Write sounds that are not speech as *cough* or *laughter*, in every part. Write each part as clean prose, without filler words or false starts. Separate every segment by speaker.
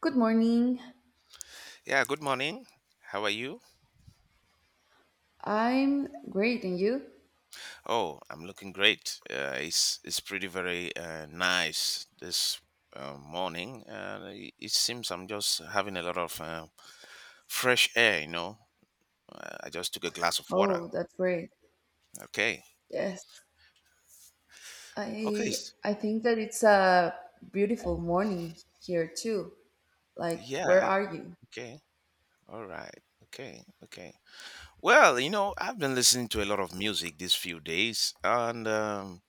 Speaker 1: Good morning.
Speaker 2: Yeah, good morning. How are you?
Speaker 1: I'm great, and you?
Speaker 2: Oh, I'm looking great. It's pretty very nice this morning. It seems I'm just having a lot of fresh air. I just took a glass of water.
Speaker 1: Oh, that's great.
Speaker 2: Okay.
Speaker 1: Yes,
Speaker 2: Okay.
Speaker 1: I I think that it's a beautiful morning here too. Like, where
Speaker 2: Yeah.
Speaker 1: are you?
Speaker 2: Okay. All right. Okay. Okay. Well, you know, I've been listening to a lot of music these few days, and um,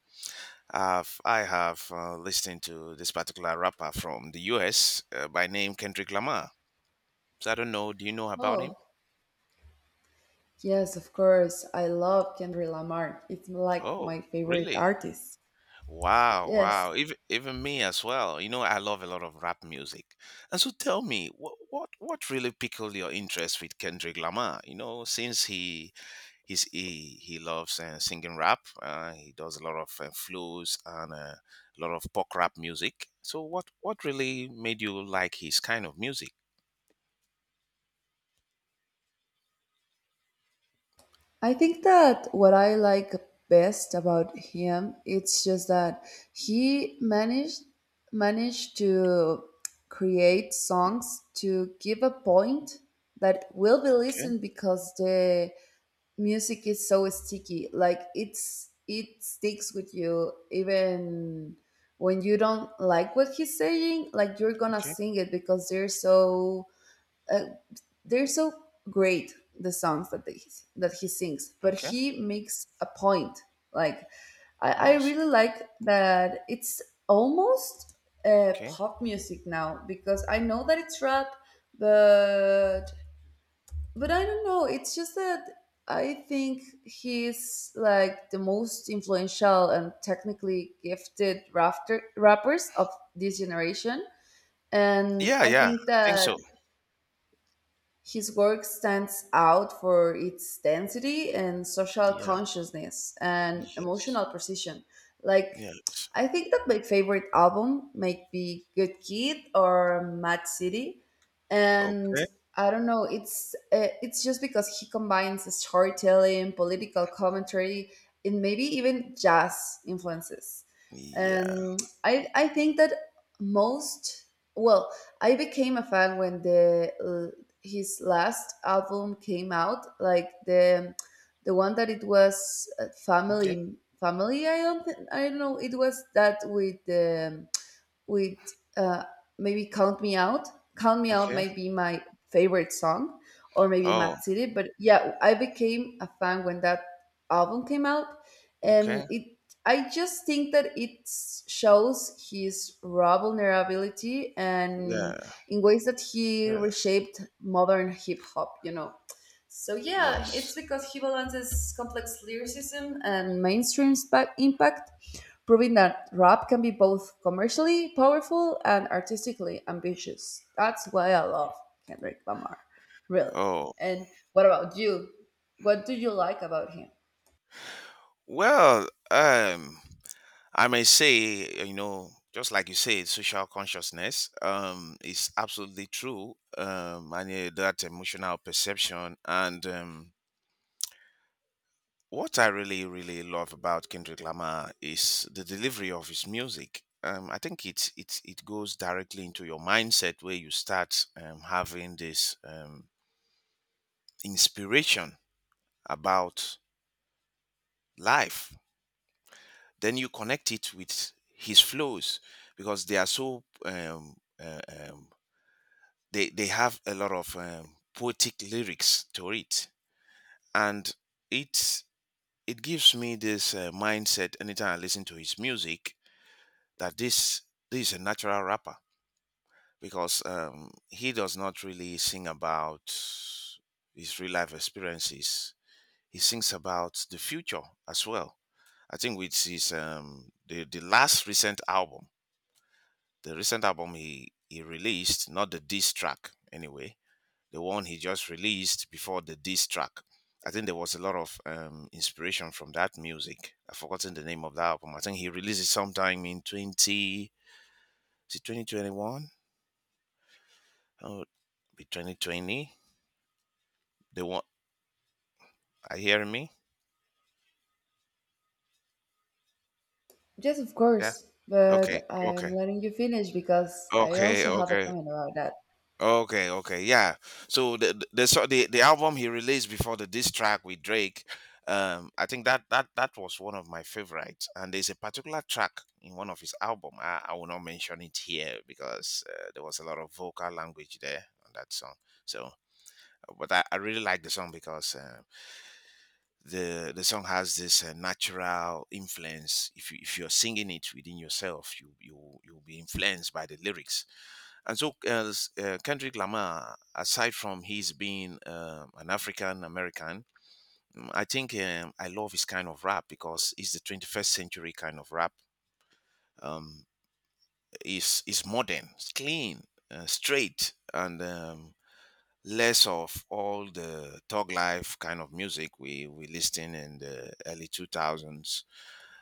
Speaker 2: I've, I have listened to this particular rapper from the U.S. By name Kendrick Lamar. So I don't know. Do you know about
Speaker 1: Oh,
Speaker 2: him?
Speaker 1: yes, of course. I love Kendrick Lamar. It's like
Speaker 2: Oh,
Speaker 1: my favorite
Speaker 2: really?
Speaker 1: artist.
Speaker 2: Wow,
Speaker 1: Yes,
Speaker 2: wow. Even me as well. You know, I love a lot of rap music. And so tell me, what really pickled your interest with Kendrick Lamar? You know, since he loves singing rap, he does a lot of blues and a lot of pop rap music. So what really made you like his kind of music?
Speaker 1: I think that what I like best about him it's just that he managed to create songs to give a point that will be
Speaker 2: Okay,
Speaker 1: listened because the music is so sticky like it's it sticks with you even when you don't like what he's saying like you're gonna
Speaker 2: okay,
Speaker 1: sing it because uh, they're so great the songs that they that he sings but
Speaker 2: okay.
Speaker 1: he makes a point like I
Speaker 2: Yes.
Speaker 1: really like that it's almost
Speaker 2: Okay.
Speaker 1: pop music now because I know that it's rap but I don't know it's just that I think he's like the most influential and technically gifted rappers of this generation and
Speaker 2: Yeah,
Speaker 1: I
Speaker 2: yeah.
Speaker 1: think
Speaker 2: I think
Speaker 1: that
Speaker 2: so.
Speaker 1: his work stands out for its density and social
Speaker 2: Yeah.
Speaker 1: consciousness and
Speaker 2: Yes.
Speaker 1: emotional precision. Like,
Speaker 2: Yes.
Speaker 1: I think that my favorite album might be Good Kid or Mad City, and
Speaker 2: Okay.
Speaker 1: I don't know. It's just because he combines storytelling, political commentary, and maybe even jazz influences.
Speaker 2: Yeah.
Speaker 1: And I think that most well, I became a fan when the his last album came out, like the one that it was
Speaker 2: Okay.
Speaker 1: family. I don't know. It was that with the with uh, maybe Count Me Out. Count Me Out
Speaker 2: Okay.
Speaker 1: might be my favorite song, or maybe
Speaker 2: Oh,
Speaker 1: Mad City. But yeah, I became a fan when that album came out, and
Speaker 2: okay.
Speaker 1: it. I just think that it shows his raw vulnerability and
Speaker 2: Yeah.
Speaker 1: in ways that he
Speaker 2: Yes.
Speaker 1: reshaped modern hip hop. You know. So yeah,
Speaker 2: Yes.
Speaker 1: it's because he balances complex lyricism and impact, proving that rap can be both commercially powerful and artistically ambitious. That's why I love Kendrick Lamar, really.
Speaker 2: Oh,
Speaker 1: And what about you? What do you like about him?
Speaker 2: well, I may say, you know, just like you said, social consciousness, is absolutely true. And that emotional perception and what I really, really love about Kendrick Lamar is the delivery of his music. I think it goes directly into your mindset where you start having this inspiration about life. Then you connect it with his flows because they are so um, they have a lot of poetic lyrics to it, and it it gives me this mindset anytime I listen to his music that this is a natural rapper because he does not really sing about his real life experiences. He sings about the future as well. I think with his the last recent album, the recent album he released, not the diss track anyway, the one he just released before the diss track. I think there was a lot of inspiration from that music. I've forgotten the name of that album. I think he released it sometime in is it 2021? Oh, be 2020. The one, are you hearing me?
Speaker 1: Yes, of
Speaker 2: Yeah.
Speaker 1: course,
Speaker 2: Okay.
Speaker 1: but I'm
Speaker 2: Okay.
Speaker 1: letting you finish because I
Speaker 2: Okay.
Speaker 1: also have a
Speaker 2: Okay.
Speaker 1: comment about that.
Speaker 2: Okay, okay, yeah. So the album he released before the diss track with Drake, I think that was one of my favorites. And there's a particular track in one of his album. I will not mention it here because there was a lot of vocal language there on that song. So, but I really like the song because the song has this natural influence. If you if you're singing it within yourself, you'll be influenced by the lyrics, and so, Kendrick Lamar, aside from his being an African American, I think I love his kind of rap because it's the 21st century kind of rap. Um, is modern, it's clean, straight, and less of all the thug life kind of music we listened in the early 2000s.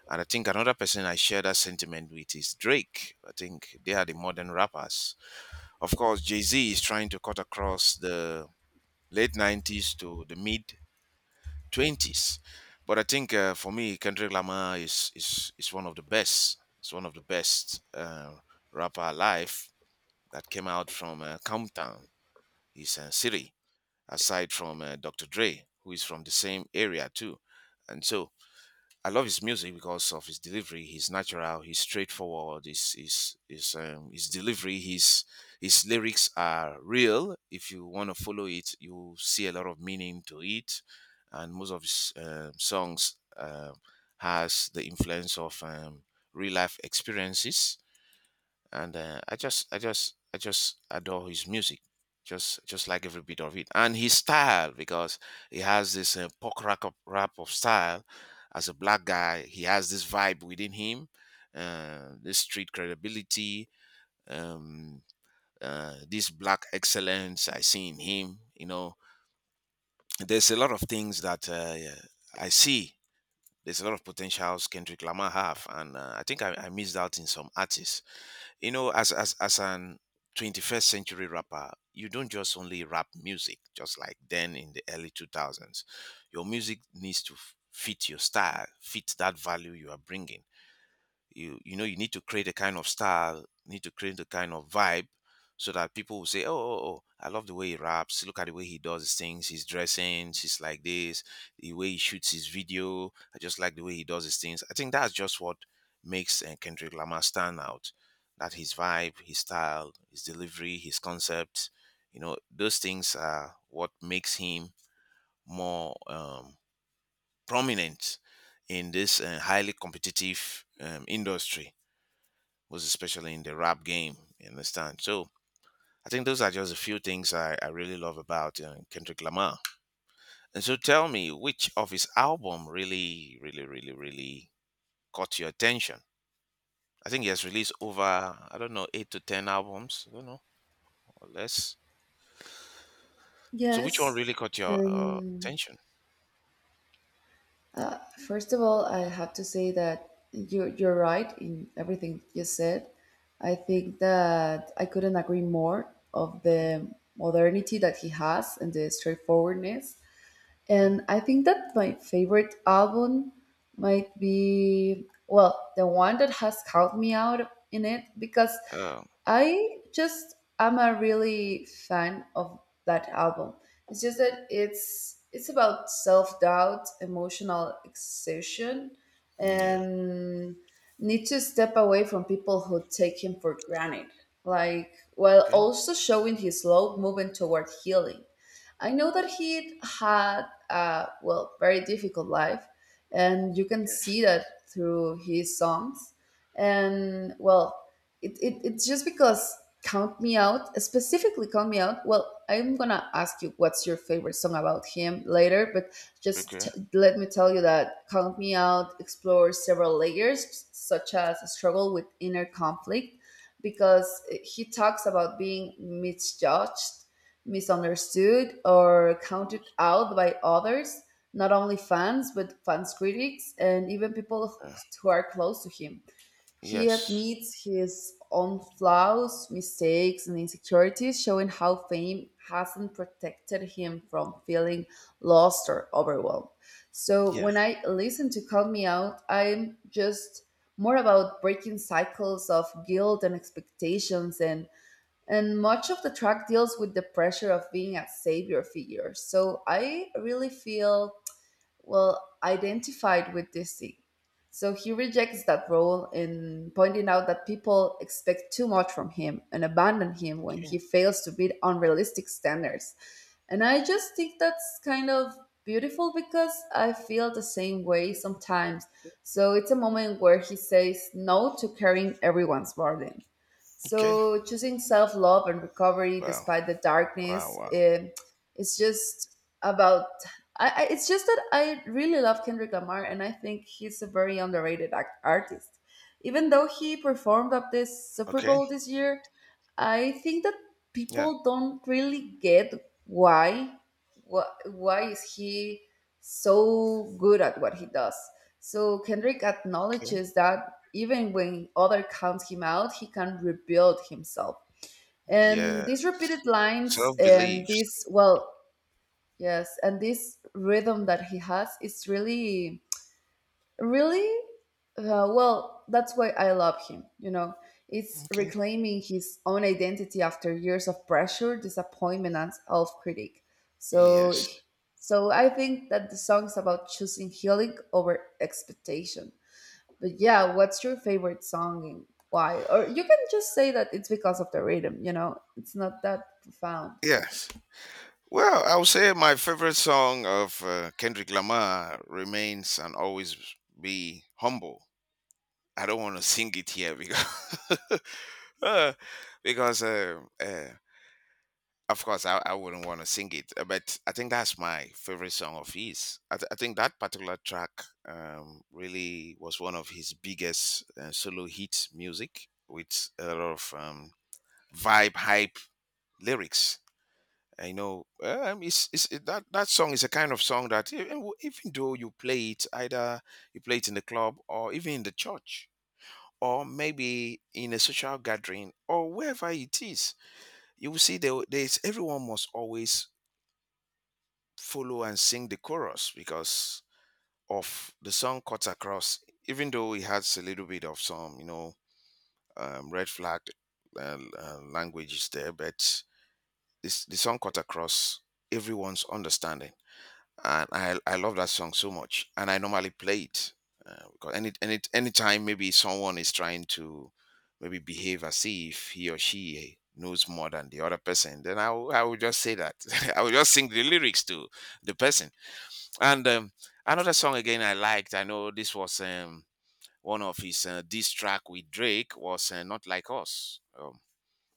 Speaker 2: And I think another person I share that sentiment with is Drake. I think they are the modern rappers. Of course, Jay Z is trying to cut across the late 90s to the mid 20s. But I think for me, Kendrick Lamar is one of the best. It's one of the best rapper alive that came out from Compton, his city, aside from Dr. Dre, who is from the same area too. And so I love his music because of his delivery. He's natural. He's straightforward. His delivery. His lyrics are real. If you want to follow it, you see a lot of meaning to it. And most of his songs has the influence of real life experiences, and I just adore his music, just like every bit of it, and his style because he has this punk rap of style. As a black guy, he has this vibe within him, this street credibility, um, this black excellence I see in him. You know, there's a lot of things that yeah, I see. There's a lot of potentials Kendrick Lamar have, and I missed out in some artists, you know, as an 21st century rapper. You don't just only rap music just like then in the early 2000s. Your music needs to fit your style, fit that value you are bringing. You know you need to create a kind of style, need to create a kind of vibe so that people will say, oh, oh, I love the way he raps. Look at the way he does his things, his dressing. He's like this, the way he shoots his video. I just like the way he does his things. I think that's just what makes Kendrick Lamar stand out, that his vibe, his style, his delivery, his concept. You know, those things are what makes him more prominent in this highly competitive industry, was especially in the rap game. You understand? So I think those are just a few things I really love about Kendrick Lamar. And so tell me, which of his album really, really, really, really caught your attention? I think he has released over, I don't know, eight to ten albums, I don't know, or less. So which one
Speaker 1: Yes,
Speaker 2: really caught your
Speaker 1: and
Speaker 2: attention?
Speaker 1: Uh, first of all, I have to say that you're right in everything you said. I think that I couldn't agree more of
Speaker 2: Okay.
Speaker 1: the modernity that he has and the straightforwardness.
Speaker 2: Yeah.
Speaker 1: And I think that my favorite album might be well the one that has caught me out in it because
Speaker 2: Um,
Speaker 1: I just am a really fan of that album. It's just that it's about self doubt, emotional exhaustion,
Speaker 2: yeah.
Speaker 1: and need to step away from people who take him for granted. Like while
Speaker 2: Okay.
Speaker 1: also showing his slow movement toward healing. I know that he had a well very difficult life, and you can
Speaker 2: Yes.
Speaker 1: see that through his songs. And well, it's just because count me out, specifically count me out, well I'm gonna ask you what's your favorite song about him later but
Speaker 2: Okay.
Speaker 1: let me tell you that count me out explores several layers such as a struggle with inner conflict because he talks about being misjudged, misunderstood or counted out by others, not only fans but fans, critics and even people
Speaker 2: Uh,
Speaker 1: who are close to him. He
Speaker 2: yes.
Speaker 1: admits his own flaws, mistakes, and insecurities, showing how fame hasn't protected him from feeling lost or overwhelmed. So
Speaker 2: Yeah.
Speaker 1: when I listen to Call Me Out, I'm just more about breaking cycles of guilt and expectations, and much of the track deals with the pressure of being a savior figure. So I really feel, well, identified with this thing. So he rejects that role in pointing out that people expect too much from him and abandon him when
Speaker 2: Okay.
Speaker 1: he fails to meet unrealistic standards. And I just think that's kind of beautiful because I feel the same way sometimes. So it's a moment where he says no to carrying everyone's burden.
Speaker 2: Okay.
Speaker 1: So choosing self love and recovery
Speaker 2: Wow.
Speaker 1: despite the
Speaker 2: Wow.
Speaker 1: darkness,
Speaker 2: Wow.
Speaker 1: eh, it's just about. It's just that I really love Kendrick Lamar, and I think he's a very underrated artist. Even though he performed at this Super
Speaker 2: Okay.
Speaker 1: Bowl this year, I think that
Speaker 2: Yeah.
Speaker 1: people don't really get why, why, why is he so good at what he does. So Kendrick
Speaker 2: Okay.
Speaker 1: acknowledges that even when other count him out, he can rebuild himself. And
Speaker 2: Yeah.
Speaker 1: these repeated lines
Speaker 2: Self
Speaker 1: and
Speaker 2: beliefs.
Speaker 1: this, well, yes, and this rhythm that he has is really, really, well, that's why I love him, you know. It's
Speaker 2: Okay.
Speaker 1: reclaiming his own identity after years of pressure, disappointment, and self critique. So,
Speaker 2: Yes.
Speaker 1: so I think that the song's about choosing healing over expectation. But yeah, what's your favorite song and why? Or you can just say that it's because of the rhythm, you know? It's not that profound.
Speaker 2: Yes. Well, I would say my favorite song of Kendrick Lamar remains and always be humble. I don't want to sing it here because *laughs* uh, because of course I wouldn't want to sing it. But I think that's my favorite song of his. I think that particular track really was one of his biggest solo hit music with a lot of vibe, hype lyrics, I know. It's it, that that song is a kind of song that even though you play it, either you play it in the club or even in the church or maybe in a social gathering or wherever it is, you will see there, there's everyone must always follow and sing the chorus because of the song cuts across. Even though it has a little bit of some, you know, red flag languages there, but this, the song cut across everyone's understanding, and I love that song so much, and I normally play it because anytime maybe someone is trying to maybe behave as if he or she knows more than the other person, then I will just say that *laughs* I will just sing the lyrics to the person. And another song again I liked. I know this was one of his diss track with Drake was not like us.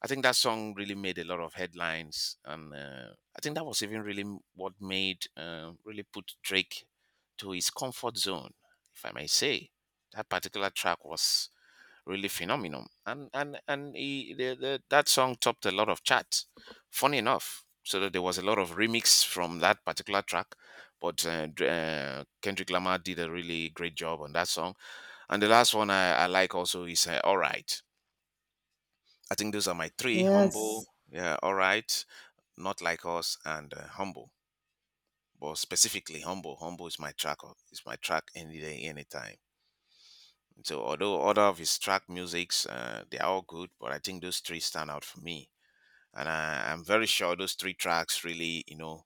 Speaker 2: I think that song really made a lot of headlines, and I think that was even really what made really put Drake to his comfort zone, if I may say. That particular track was really phenomenal, and that song topped a lot of charts. Funny enough, so that there was a lot of remix from that particular track, but Kendrick Lamar did a really great job on that song. And the last one I like also is "All Right." I think those are my three: humble,
Speaker 1: Yes.
Speaker 2: yeah, all right, not like us, and humble. But specifically, humble. Humble is my track. Is my track any day, anytime. So although other of his track musics, they are all good, but I think those three stand out for me, and I'm very sure those three tracks really, you know,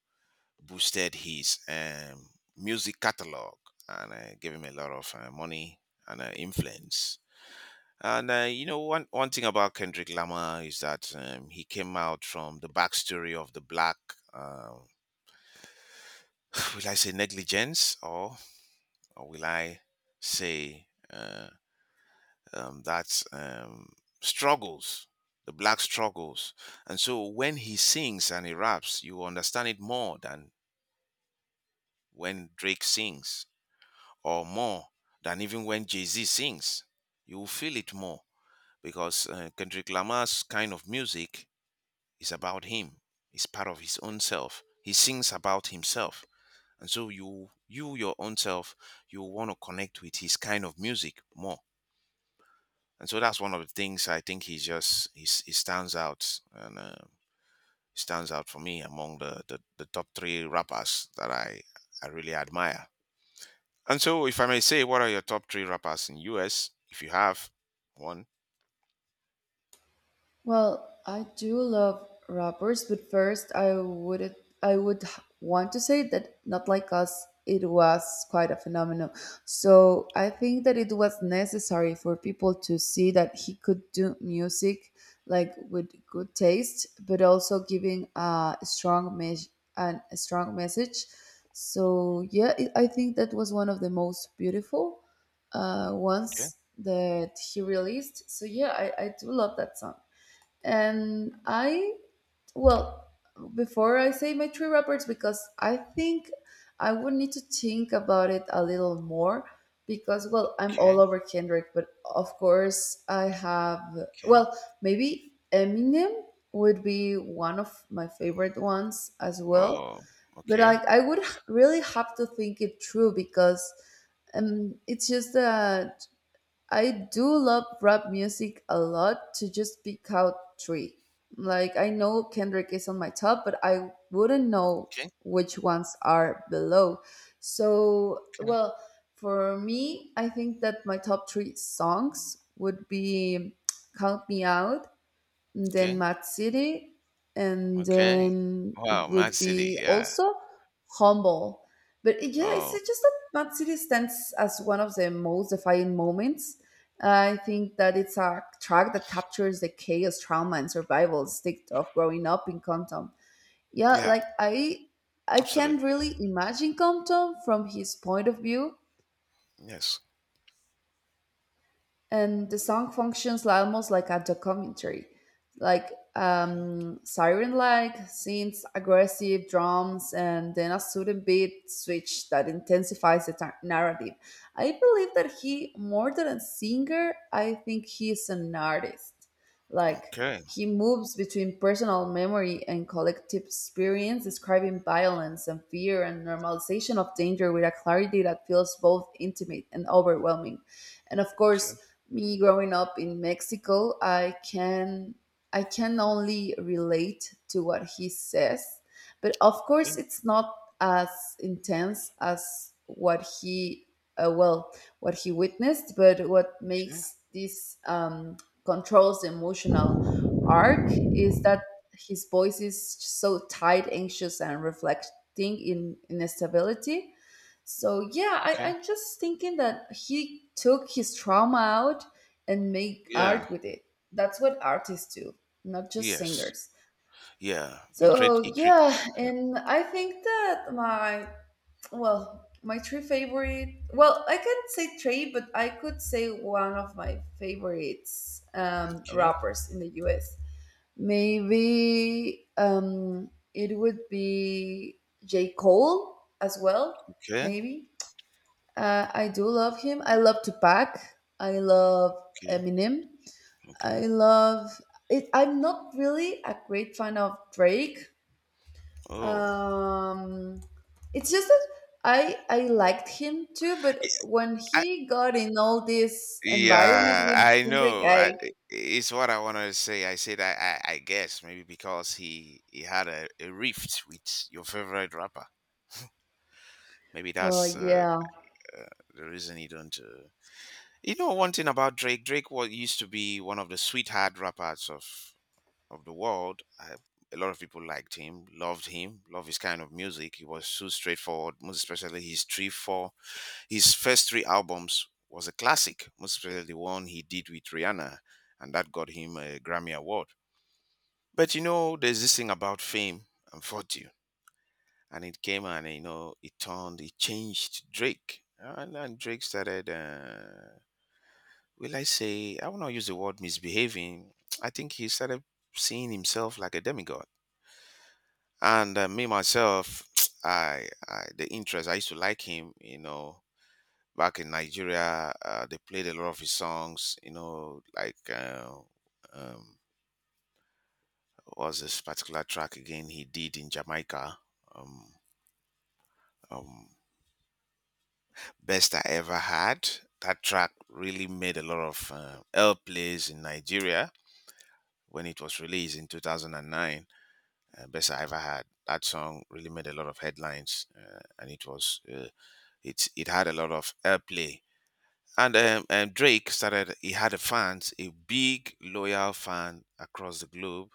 Speaker 2: boosted his music catalog and gave him a lot of money and influence. And you know, one thing about Kendrick Lamar is that he came out from the backstory of the black. Uh, *sighs* will I say negligence, or will I say uh, that struggles, the black struggles? And so when he sings and he raps, you understand it more than when Drake sings, or more than even when Jay Z sings. You will feel it more because Kendrick Lamar's kind of music is about him. It's part of his own self. He sings about himself. And so you your own self, you want to connect with his kind of music more. And so that's one of the things I think he stands out and he stands out for me among the top three rappers that I really admire. And so if I may say, what are your top three rappers in US? If you have one,
Speaker 1: Well, I do love rappers, but first I would want to say that not like us, it was quite a phenomenon. So I think that it was necessary for people to see that he could do music like with good taste, but also giving a a strong message. So yeah, it, I think that was one of the most beautiful
Speaker 2: okay,
Speaker 1: ones that he released. So yeah, I do love that song, and I, well, before I say my three rappers, because I think I would need to think about it a little more, because well I'm
Speaker 2: okay,
Speaker 1: all over Kendrick but of course I have,
Speaker 2: okay,
Speaker 1: well maybe Eminem would be one of my favorite ones as well,
Speaker 2: oh,
Speaker 1: but
Speaker 2: okay,
Speaker 1: like really have to think it through because it's just that I do love rap music a lot to just pick out three. Like I know Kendrick is on my top, but I wouldn't know
Speaker 2: okay,
Speaker 1: which ones are below. So,
Speaker 2: okay,
Speaker 1: well, for me, I think that my top three songs would be Count Me Out, then
Speaker 2: okay.
Speaker 1: Mad City, and
Speaker 2: Okay.
Speaker 1: then
Speaker 2: Wow,
Speaker 1: it
Speaker 2: Mad
Speaker 1: would
Speaker 2: City.
Speaker 1: be
Speaker 2: Yeah.
Speaker 1: also Humble. But it- yeah, it's
Speaker 2: Oh,
Speaker 1: just that Mad City stands as one of the most defining moments. I think that it's a track that captures the chaos, trauma, and survival stick of growing up in Compton. Yeah,
Speaker 2: yeah.
Speaker 1: like I can't
Speaker 2: Absolutely.
Speaker 1: really imagine Compton from his point of view,
Speaker 2: Yes.
Speaker 1: and the song functions like, almost like a documentary, like
Speaker 2: Okay.
Speaker 1: siren like synths, aggressive drums and then a sudden beat switch that intensifies the narrative. I believe that he more than a singer, I think he is an artist. Like
Speaker 2: Okay.
Speaker 1: he moves between personal memory and collective experience, describing violence and fear and normalization of danger with a clarity that feels both intimate and overwhelming. And of course,
Speaker 2: Okay.
Speaker 1: me growing up in Mexico, I can only relate to what he says, but of
Speaker 2: Okay.
Speaker 1: course it's not as intense as what he well what he witnessed, but what
Speaker 2: Okay.
Speaker 1: makes this controls emotional arc is that his voice is so tight, anxious, and reflecting in instability. So yeah,
Speaker 2: Okay.
Speaker 1: I'm just thinking that he took his trauma out and made
Speaker 2: Yeah.
Speaker 1: art with it. That's what artists do, not just
Speaker 2: Yes.
Speaker 1: singers.
Speaker 2: Yeah. You create. You
Speaker 1: So
Speaker 2: create.
Speaker 1: yeah,
Speaker 2: Yeah.
Speaker 1: and I think that my, well, my three favorite, well, I can't say three, but I could say one of my favorites
Speaker 2: Okay.
Speaker 1: rappers in the US. Maybe it would be J. Cole as well,
Speaker 2: Okay.
Speaker 1: maybe. I do love him. I love Tupac. I love
Speaker 2: Okay.
Speaker 1: Eminem. I
Speaker 2: Okay.
Speaker 1: love it. I'm not really a great fan of Drake.
Speaker 2: Oh.
Speaker 1: Um, it's just that I liked him too,
Speaker 2: I,
Speaker 1: but when
Speaker 2: I-
Speaker 1: he got in all this environment
Speaker 2: yeah,
Speaker 1: with
Speaker 2: I
Speaker 1: Kendrick,
Speaker 2: know.
Speaker 1: I,
Speaker 2: It's what I wanted to say. I said I guess maybe because he had a rift with your favorite rapper. Maybe
Speaker 1: well,
Speaker 2: that's
Speaker 1: yeah,
Speaker 2: uh, the reason he don't. You know one thing about Drake. Drake was used to be one of the sweetheart rappers of the world. I, a lot of people liked him, loved his kind of music. He was so straightforward. Most especially his three four his first three albums was a classic. Most especially the one he did with Rihanna, and that got him a Grammy award. But you know, there's this thing about fame and fortune, and it came and you know it turned, it changed Drake, and Drake started. Will I say, I will not use the word misbehaving. *tsk* I think he started seeing himself like a demigod. And me myself, *tsk* I the interest I used to like him, you know, back in Nigeria, they played a lot of his songs, you know, like um, what was this particular track again he did in Jamaica, um, um, best I ever had. That track really made a lot of L plays in Nigeria when it was released in 2009, best I ever had. That song really made a lot of headlines, and it was it it had a lot of airplay. And Drake started. He had a fans, a big loyal fan across the globe,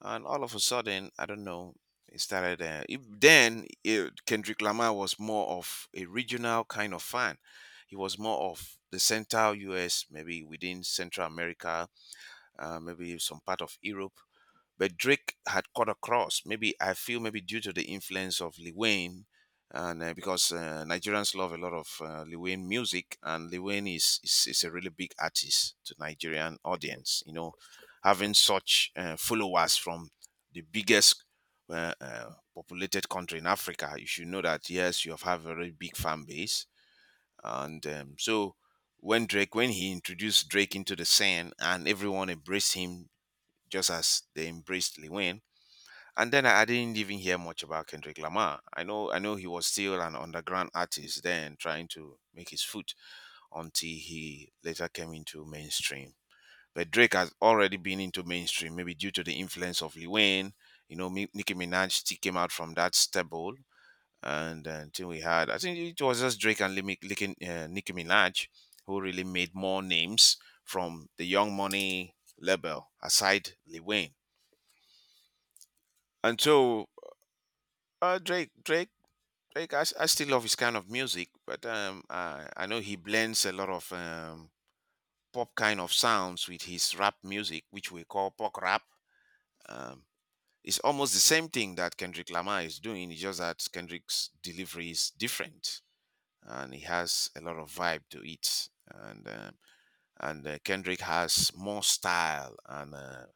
Speaker 2: and all of a sudden, I don't know. It started Kendrick Lamar was more of a regional kind of fan. He was more of the central U.S., maybe within Central America, maybe some part of Europe, but Drake had cut across. Maybe I feel maybe due to the influence of Lil Wayne, and because Nigerians love a lot of Lil Wayne music, and Lil Wayne is a really big artist to Nigerian audience. You know, having such followers from the biggest populated country in Africa, you should know that yes, you have a very big fan base, and so when he introduced Drake into the scene and everyone embraced him just as they embraced Lil Wayne, and then I didn't even hear much about Kendrick Lamar. I know he was still an underground artist then trying to make his foot until he later came into mainstream. But Drake has already been into mainstream, maybe due to the influence of Lil Wayne. You know, Nicki Minaj still came out from that stable. And until we had, I think it was just Drake and Nicki Minaj who really made more names from the Young Money label aside Lil Wayne. And so Drake like I still love his kind of music, but I know he blends a lot of pop kind of sounds with his rap music, which we call pop rap. Um, it's almost the same thing that Kendrick Lamar is doing. It's just that Kendrick's delivery is different, and he has a lot of vibe to it. And Kendrick has more style and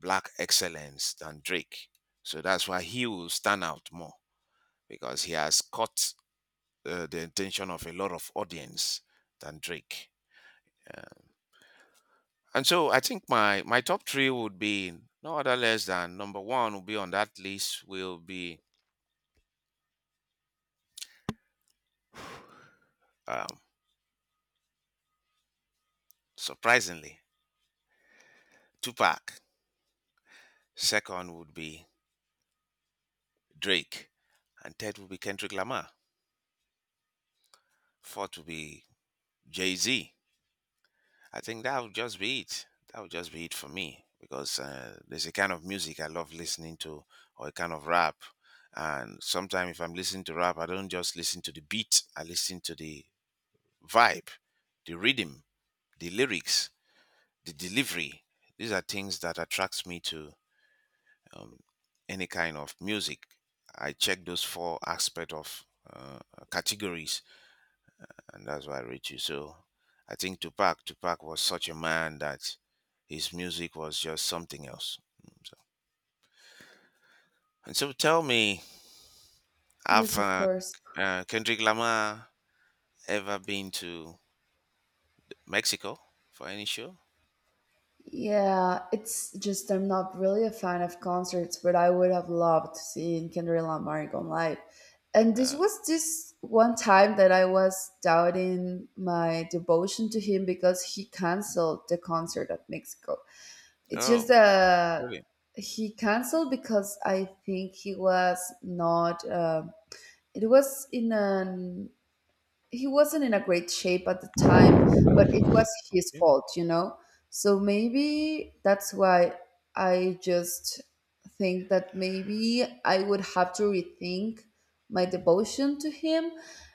Speaker 2: black excellence than Drake, so that's why he will stand out more because he has cut the intention of a lot of audience than Drake. And so I think my top three would be no other less than number one will be on that list will be um, surprisingly Tupac. Second would be Drake, and third would be Kendrick Lamar. Fourth would be Jay Z. I think that would just be it. That would just be it for me because there's a kind of music I love listening to, or a kind of rap. And sometimes, if I'm listening to rap, I don't just listen to the beat, I listen to the vibe, the rhythm, the lyrics, the delivery. These are things that attracts me to um, any kind of music. I check those four aspects of uh, categories, and that's why I reached you. So I think Tupac was such a man that his music was just something else. So, and so tell me, have
Speaker 1: yes, of course.
Speaker 2: Kendrick Lamar ever been to Mexico for any show?
Speaker 1: Yeah, it's just I'm not really a fan of concerts, but I would have loved seeing Kendrick Lamar go live. And this
Speaker 2: Uh,
Speaker 1: was this one time that I was doubting my devotion to him because he canceled the concert at Mexico. It's just
Speaker 2: oh,
Speaker 1: that
Speaker 2: really?
Speaker 1: he canceled because I think he was not. Um, it was in an, he wasn't in a great shape at the time, but it was his
Speaker 2: Okay,
Speaker 1: fault, you know? So maybe that's why I just think that maybe I would have to rethink my devotion to him,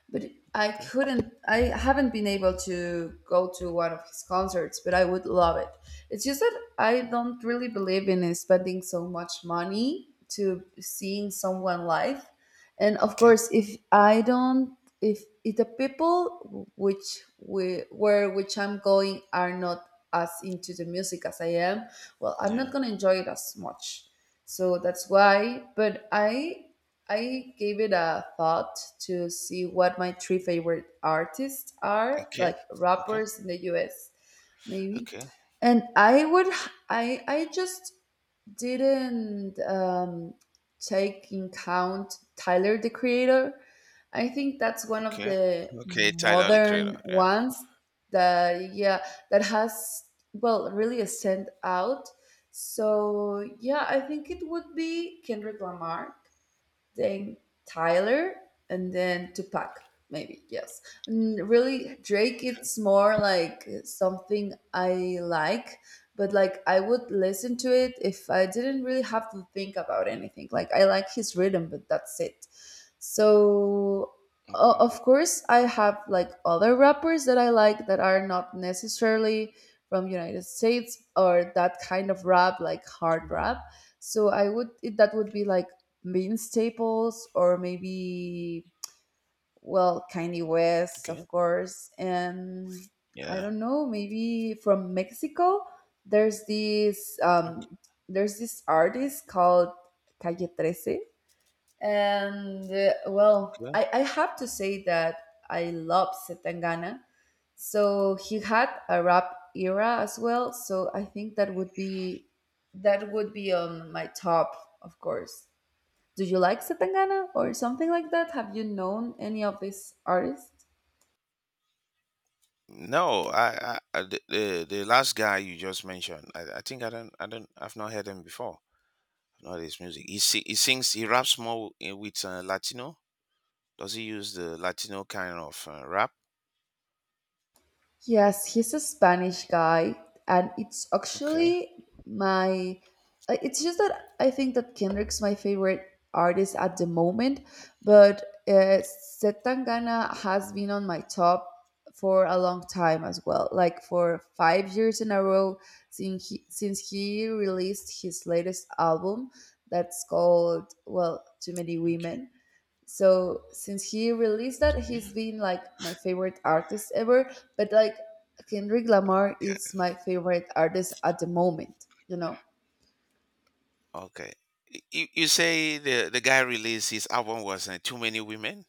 Speaker 1: but I
Speaker 2: okay,
Speaker 1: couldn't, I haven't been able to go to one of his concerts, but I would love it. It's just that I don't really believe in spending so much money to seeing someone live. And of
Speaker 2: okay,
Speaker 1: course, if I don't, if the people which we where which I'm going are not as into the music as I am, well, I'm
Speaker 2: yeah,
Speaker 1: not gonna enjoy it as much. So that's why. But I gave it a thought to see what my three favorite artists are,
Speaker 2: okay,
Speaker 1: like
Speaker 2: okay,
Speaker 1: rappers in the U.S. Maybe,
Speaker 2: okay,
Speaker 1: and I would I just didn't take in count Tyler the Creator. I think that's one of
Speaker 2: okay,
Speaker 1: the
Speaker 2: okay. Tyler the Creator,
Speaker 1: modern
Speaker 2: yeah.
Speaker 1: ones that yeah that has well really stand out. So yeah, I think it would be Kendrick Lamar, then Tyler, and then Tupac. Maybe yes. And really, Drake. It's more like something I like, but like I would listen to it if I didn't really have to think about anything. Like I like his rhythm, but that's it. So
Speaker 2: Okay,
Speaker 1: of course, I have like other rappers that I like that are not necessarily from United States or that kind of rap, like hard
Speaker 2: okay,
Speaker 1: rap. So I would it, that would be like Bean Staples or maybe well Kanye West,
Speaker 2: okay,
Speaker 1: of course, and I
Speaker 2: yeah.
Speaker 1: don't know, maybe from Mexico. There's this um,
Speaker 2: Okay.
Speaker 1: there's this artist called Calle 13. And well, I have to say that I love Setangana. So he had a rap era as well. So I think that would be on my top, of course. Do you like Zetangana or something like that? Have you known any of these artists?
Speaker 2: No, I the last guy you just mentioned, I think I don't, I've not heard him before. Not his music. He sings, he raps more with Latino. Does he use the Latino kind of rap?
Speaker 1: Yes, he's a Spanish guy, and it's
Speaker 2: Okay.
Speaker 1: actually my. Uh, it's just that I think that Kendrick's my favorite artist at the moment, but Setangana has been on my top for a long time as well, like for 5 years in a row since he released his latest album that's called, well, Too Many
Speaker 2: Okay.
Speaker 1: Women. So since he released that,
Speaker 2: Yeah.
Speaker 1: he's been like my favorite artist ever. But like Kendrick
Speaker 2: Oh my
Speaker 1: Lamar
Speaker 2: God.
Speaker 1: is my favorite artist at the moment, you know?
Speaker 2: Okay. You, you say the guy released his album was Too Many Women.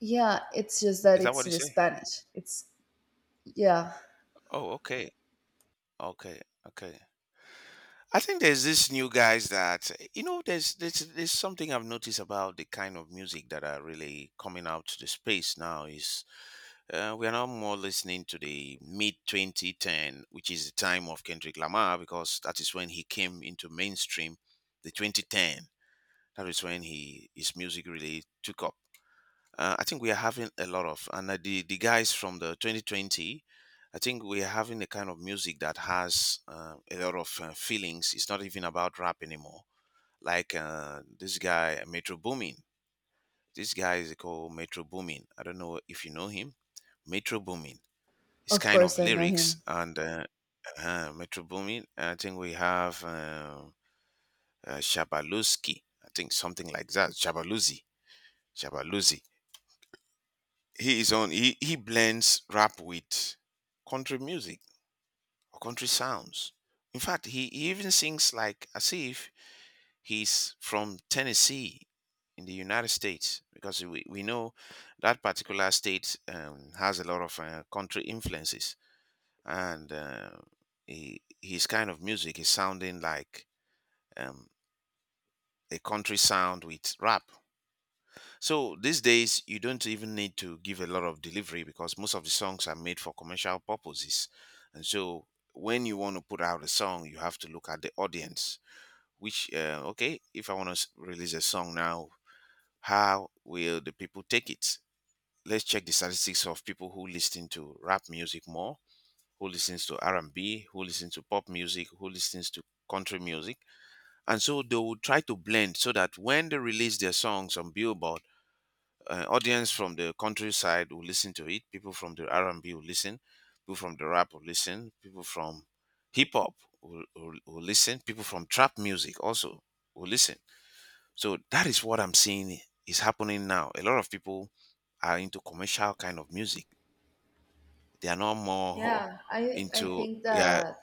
Speaker 1: Yeah, it's just that
Speaker 2: Is that what
Speaker 1: it's
Speaker 2: you
Speaker 1: in
Speaker 2: say?
Speaker 1: Spanish. It's yeah,
Speaker 2: Oh, okay. Okay. Okay. I think there's this new guys that you know. There's something I've noticed about the kind of music that are really coming out to the space now. Is we are now more listening to the mid 2010, which is the time of Kendrick Lamar, because that is when he came into mainstream. The 2010, that is when he his music really took up. I think we are having a lot of, and the guys from the 2020, I think we are having a kind of music that has a lot of feelings. It's not even about rap anymore. Like this guy Metro Boomin. This guy is called Metro Boomin. I don't know if you know him. Metro Boomin. It's
Speaker 1: of
Speaker 2: kind of
Speaker 1: course I know
Speaker 2: lyrics
Speaker 1: him.
Speaker 2: and Metro Boomin. I think we have Shabaluski. I think something like that. Shabaluzi. Shabaluzi. He is on. He blends rap with country music or country sounds. In fact, he even sings like as if he's from Tennessee in the United States because we know that particular state has a lot of country influences and his kind of music is sounding like um, a country sound with rap. So these days, you don't even need to give a lot of delivery because most of the songs are made for commercial purposes. And so when you want to put out a song, you have to look at the audience, which, okay, if I want to release a song now, how will the people take it? Let's check the statistics of people who listen to rap music more, who listens to R&B, who listens to pop music, who listens to country music. And so they will try to blend so that when they release their songs on Billboard, audience from the countryside will listen to it. People from the R and B will listen. People from the rap will listen. People from hip hop will listen. People from trap music also will listen. So that is what I'm seeing is happening now. A lot of people are into commercial kind of music. They are no more
Speaker 1: Yeah,
Speaker 2: *laughs*
Speaker 1: I
Speaker 2: into
Speaker 1: think
Speaker 2: yeah.
Speaker 1: that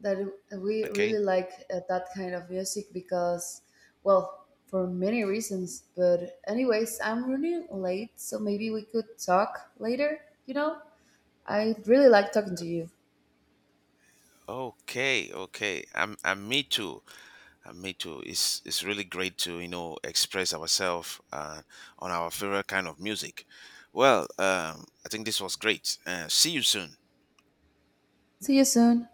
Speaker 1: that we
Speaker 2: Okay,
Speaker 1: really like that kind of music because, well, for many reasons, but anyways, I'm running late, so maybe we could talk later, you know? I really like talking to you.
Speaker 2: okay. I'm me too. Me too. It's really great to you know express ourselves on our favorite kind of music. Well, I think this was great. See you soon.
Speaker 1: See you soon.